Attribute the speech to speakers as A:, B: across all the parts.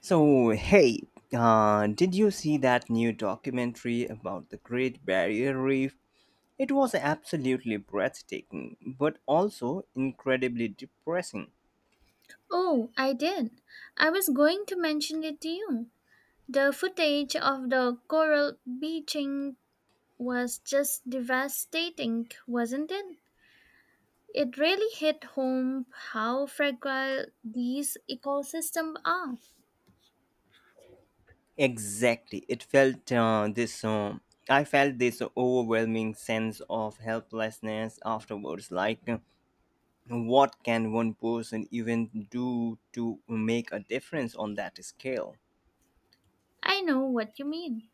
A: So, hey, did you see that new documentary about the Great Barrier Reef? It was absolutely breathtaking, but also incredibly depressing.
B: Oh, I did. I was going to mention it to you. The footage of the coral bleaching was just devastating, wasn't it? It really hit home how fragile these ecosystems are.
A: Exactly, it felt this. I felt this overwhelming sense of helplessness afterwards. Like, what can one person even do to make a difference on that scale?
B: I know what you mean.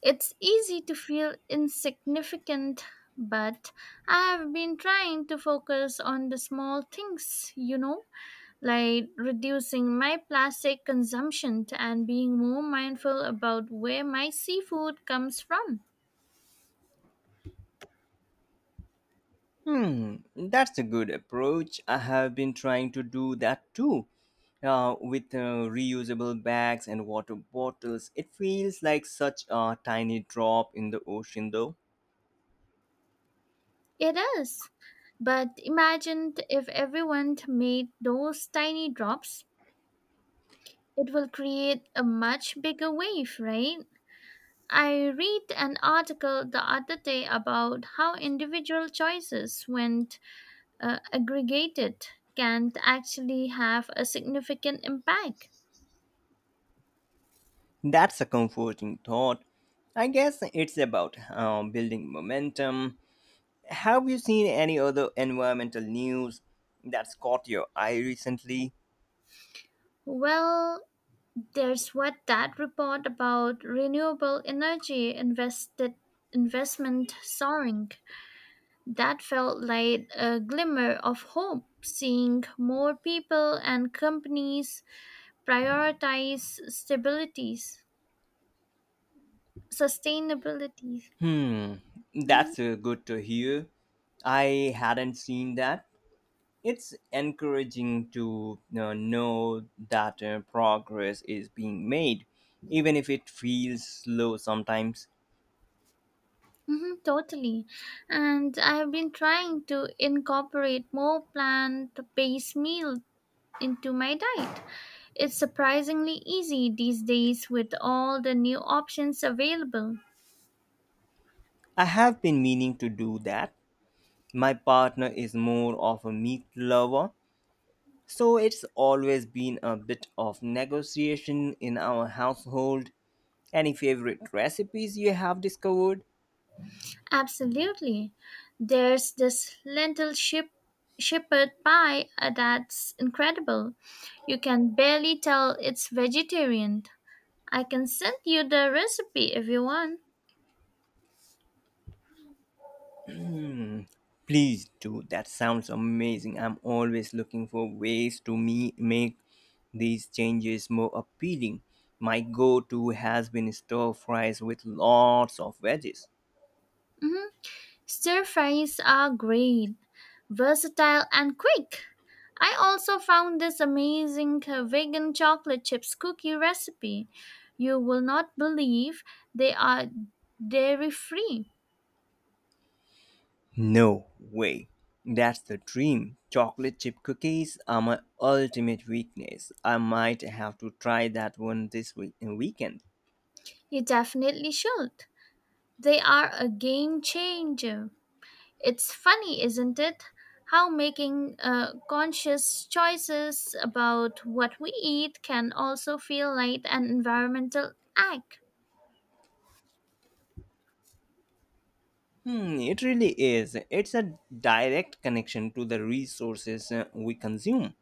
B: It's easy to feel insignificant, but I have been trying to focus on the small things, Like reducing my plastic consumption and being more mindful about where my seafood comes from.
A: Hmm, that's a good approach. I have been trying to do that too. With reusable bags and water bottles, it feels like such a tiny drop in the ocean, though.
B: It is. But imagine if everyone made those tiny drops, it will create a much bigger wave, right? I read an article the other day about how individual choices, when aggregated, can actually have a significant impact.
A: That's a comforting thought. I guess it's about building momentum. Have you seen any other environmental news that's caught your eye recently?
B: Well, there's what that report about renewable energy invested investment soaring. That felt like a glimmer of hope, seeing more people and companies prioritize stabilities, sustainability.
A: Hmm,
B: Mhm.
A: that's good to hear. I hadn't seen that. It's encouraging to know that progress is being made, even if it feels slow sometimes.
B: Mhm, totally. And I have been trying to incorporate more plant based meal into my diet. It's surprisingly easy these days with all the new options available.
A: I have been meaning to do that. My partner is more of a meat lover, so it's always been a bit of negotiation in our household. Any favorite recipes you have discovered?
B: Absolutely. There's this lentil ship shepherd pie that's incredible. You can barely tell it's vegetarian. I can send you the recipe if you want.
A: Hmm, please do. That sounds amazing. I'm always looking for ways to me make these changes more appealing. My go-to has been stir fries with lots of veggies.
B: Mhm. Stir fries are great, versatile and quick. I also found this amazing vegan chocolate chips cookie recipe. You will not believe they are dairy free.
A: No way. That's the dream. Chocolate chip cookies are my ultimate weakness. I might have to try that one this weekend.
B: You definitely should. They are a game changer. It's funny, isn't it? How making conscious choices about what we eat can also feel like an environmental act.
A: Hmm, it really is. It's a direct connection to the resources we consume.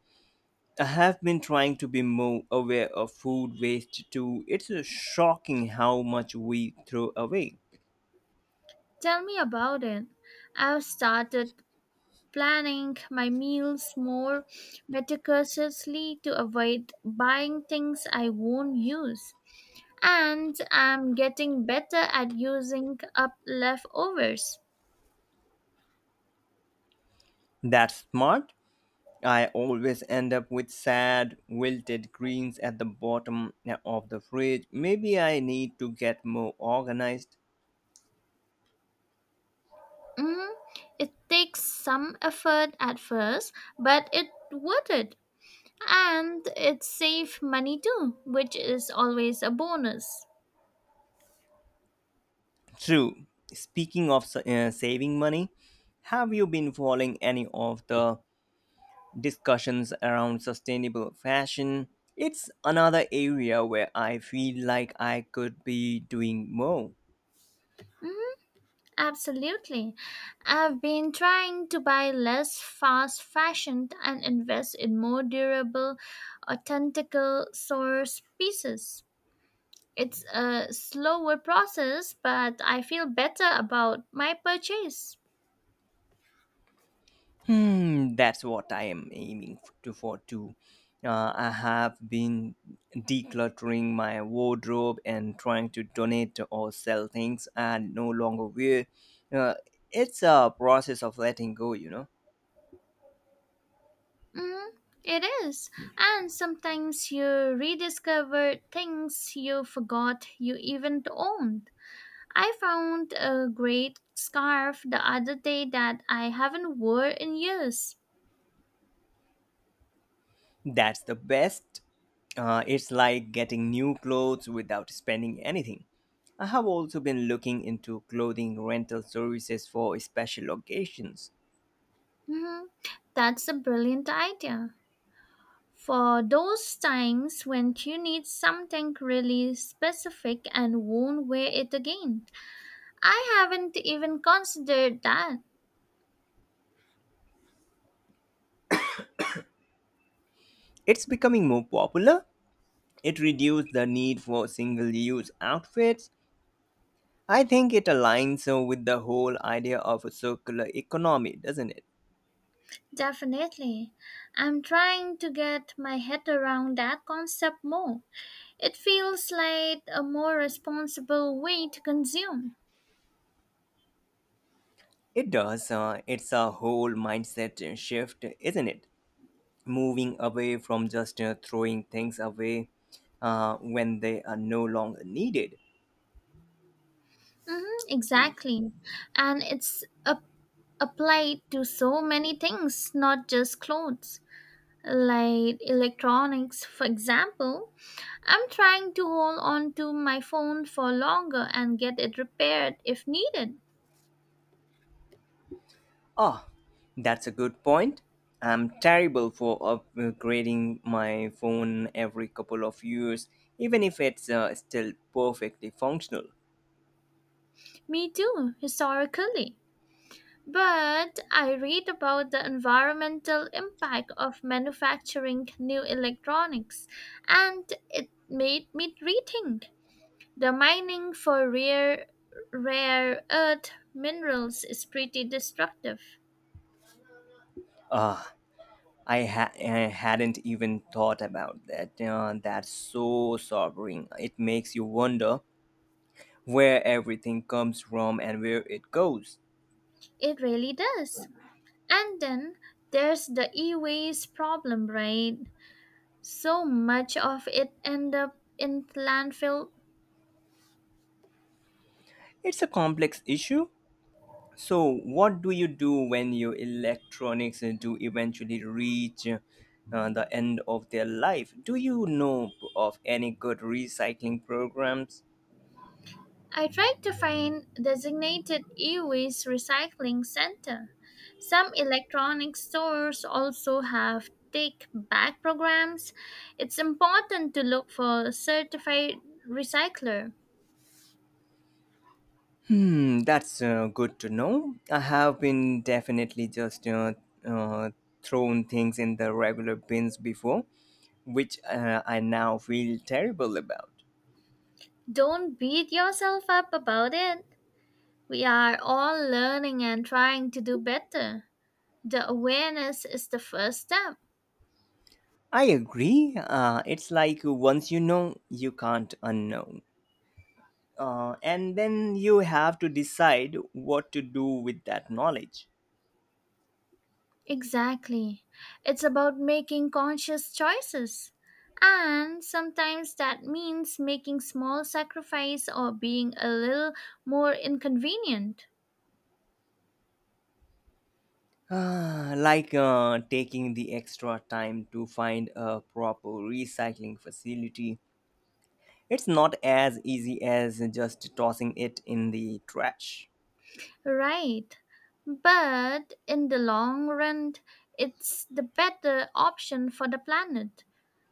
A: I have been trying to be more aware of food waste too. It's shocking how much we throw away.
B: Tell me about it. I've started planning my meals more meticulously to avoid buying things I won't use. And I'm getting better at using up leftovers.
A: That's smart. I always end up with sad, wilted greens at the bottom of the fridge. Maybe I need to get more organized.
B: Mhm. It takes some effort at first, but it worth it. And it saves money too, which is always a bonus.
A: True. Speaking of saving money, have you been following any of the discussions around sustainable fashion? It's another area where I feel like I could be doing more.
B: Absolutely. I've been trying to buy less fast fashion and invest in more durable, authentical source pieces. It's a slower process, but I feel better about my purchase.
A: Hmm, that's what I am aiming f- to for too. I have been decluttering my wardrobe and trying to donate or sell things I no longer wear. Uh, it's a process of letting go, you know.
B: Mm, it is. And sometimes you rediscover things you forgot you even owned. I found a great scarf the other day that I haven't worn in years.
A: That's the best. It's like getting new clothes without spending anything. I have also been looking into clothing rental services for special occasions.
B: Mhm. That's a brilliant idea. For those times when you need something really specific and won't wear it again. I haven't even considered that.
A: It's becoming more popular. It reduces the need for single use outfits. I think it aligns with the whole idea of a circular economy, doesn't it?
B: Definitely. I'm trying to get my head around that concept more. It feels like a more responsible way to consume.
A: It does. It's a whole mindset shift, isn't it? Moving away from just throwing things away when they are no longer needed.
B: Hmm, exactly. And applied to so many things, not just clothes. Like electronics for example. I'm trying to hold on to my phone for longer and get it repaired if needed.
A: Ah, that's a good point. I'm terrible for upgrading my phone every couple of years, even if it's still perfectly functional.
B: Me too historically, but I read about the environmental impact of manufacturing new electronics and it made me rethink. The mining for rare earth minerals is pretty destructive.
A: Ah, I hadn't even thought about that. That's so sobering. It makes you wonder where everything comes from and where it goes.
B: It really does. And then there's the e-waste problem, right? So much of it end up in landfill.
A: It's a complex issue. So, what do you do when your electronics do eventually reach the end of their life? Do you know of any good recycling programs?
B: I tried to find designated e-waste recycling center. Some electronic stores also have take back programs. It's important to look for a certified recycler.
A: Hmm, that's good to know. I have been definitely just uh, thrown things in the regular bins before, which I now feel terrible about.
B: Don't beat yourself up about it. We are all learning and trying to do better. The awareness is the first step.
A: I agree. It's like once you know, you can't unknow. And then you have to decide what to do with that knowledge.
B: Exactly. It's about making conscious choices. And sometimes that means making small sacrifice or being a little more inconvenient.
A: Ah, like taking the extra time to find a proper recycling facility. It's not as easy as just tossing it in the trash.
B: Right. But in the long run, it's the better option for the planet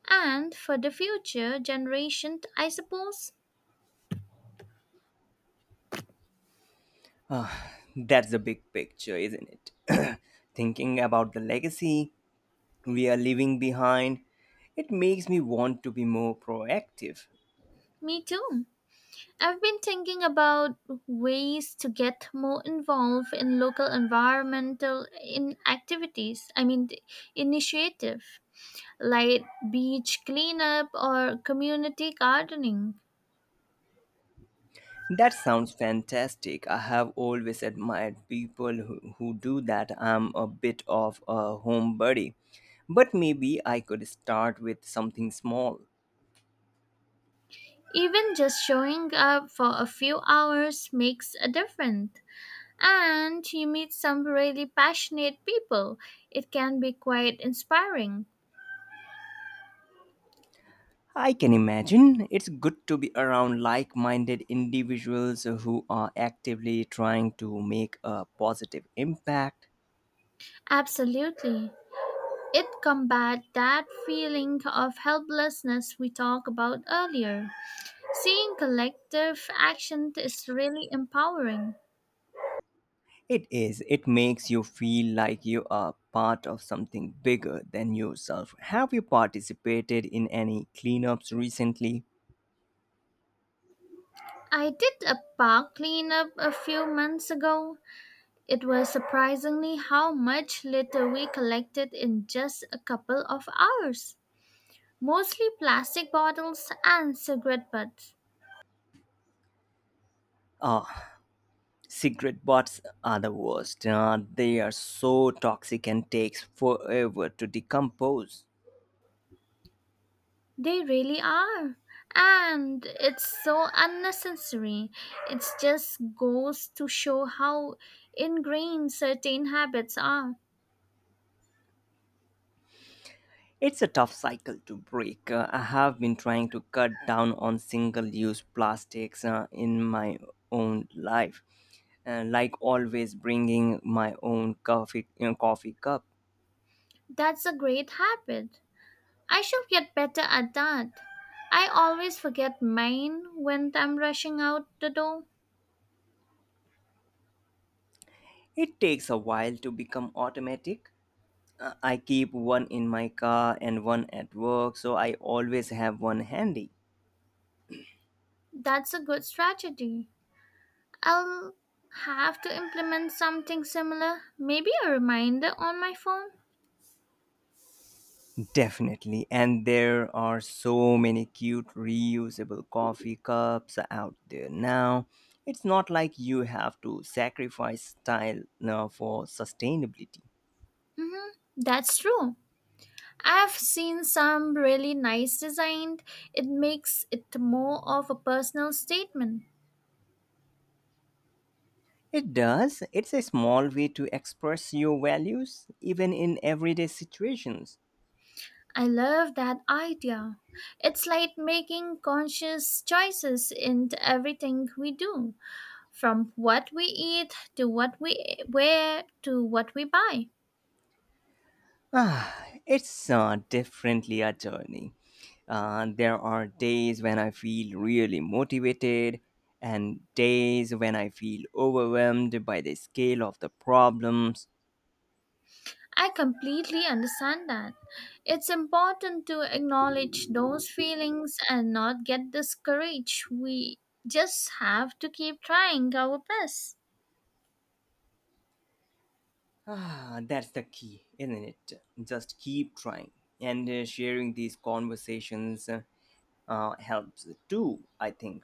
B: and for the future generation, I suppose.
A: Ah, that's the big picture, isn't it? Thinking about the legacy we are leaving behind, it makes me want to be more proactive.
B: Me too. I've been thinking about ways to get more involved in local environmental in activities. I mean, the initiative like beach cleanup or community gardening.
A: That sounds fantastic. I have always admired people who do that. I'm a bit of a homebody, but maybe I could start with something small.
B: Even just showing up for a few hours makes a difference. And you meet some really passionate people. It can be quite inspiring.
A: I can imagine it's good to be around like minded individuals who are actively trying to make a positive impact.
B: Absolutely. It combats that feeling of helplessness we talked about earlier. Seeing collective action is really empowering.
A: It is, it makes you feel like you are part of something bigger than yourself. Have you participated in any cleanups recently?
B: I did a park cleanup a few months ago. It was surprisingly how much litter we collected in just a couple of hours. Mostly plastic bottles and cigarette butts.
A: Uh, Cigarette butts are the worst. They are so toxic and takes forever to decompose.
B: They really are. And it's so unnecessary. It just goes to show how ingrained certain habits are.
A: It's a tough cycle to break. I have been trying to cut down on single-use plastics in my own life, like always bringing my own coffee cup.
B: That's a great habit. I should get better at that. I always forget mine when I'm rushing out the door.
A: It takes a while to become automatic. I keep one in my car and one at work, so I always have one handy.
B: That's a good strategy. I'll have to implement something similar. Maybe a reminder on my phone.
A: Definitely. And there are so many cute reusable coffee cups out there now. It's not like you have to sacrifice style for sustainability.
B: Mm-hmm. That's true. I've seen some really nice designed. It makes it more of a personal statement.
A: It does. It's a small way to express your values, even in everyday situations.
B: I love that idea. It's like making conscious choices in everything we do, from what we eat to what we wear to what we buy.
A: Ah, it's definitely a journey. There are days when I feel really motivated, and days when I feel overwhelmed by the scale of the problems.
B: I completely understand that. It's important to acknowledge those feelings and not get discouraged. We just have to keep trying our best.
A: Ah, that's the key, isn't it? Just keep trying. And sharing these conversations helps too, I think.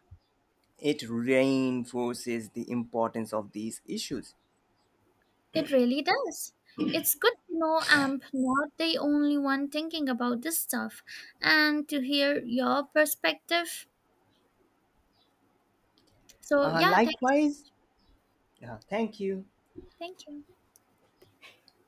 A: It reinforces the importance of these issues.
B: It really does. It's good to know I'm not the only one thinking about this stuff and to hear your perspective. So, yeah,
A: Likewise, thank you.
B: thank you.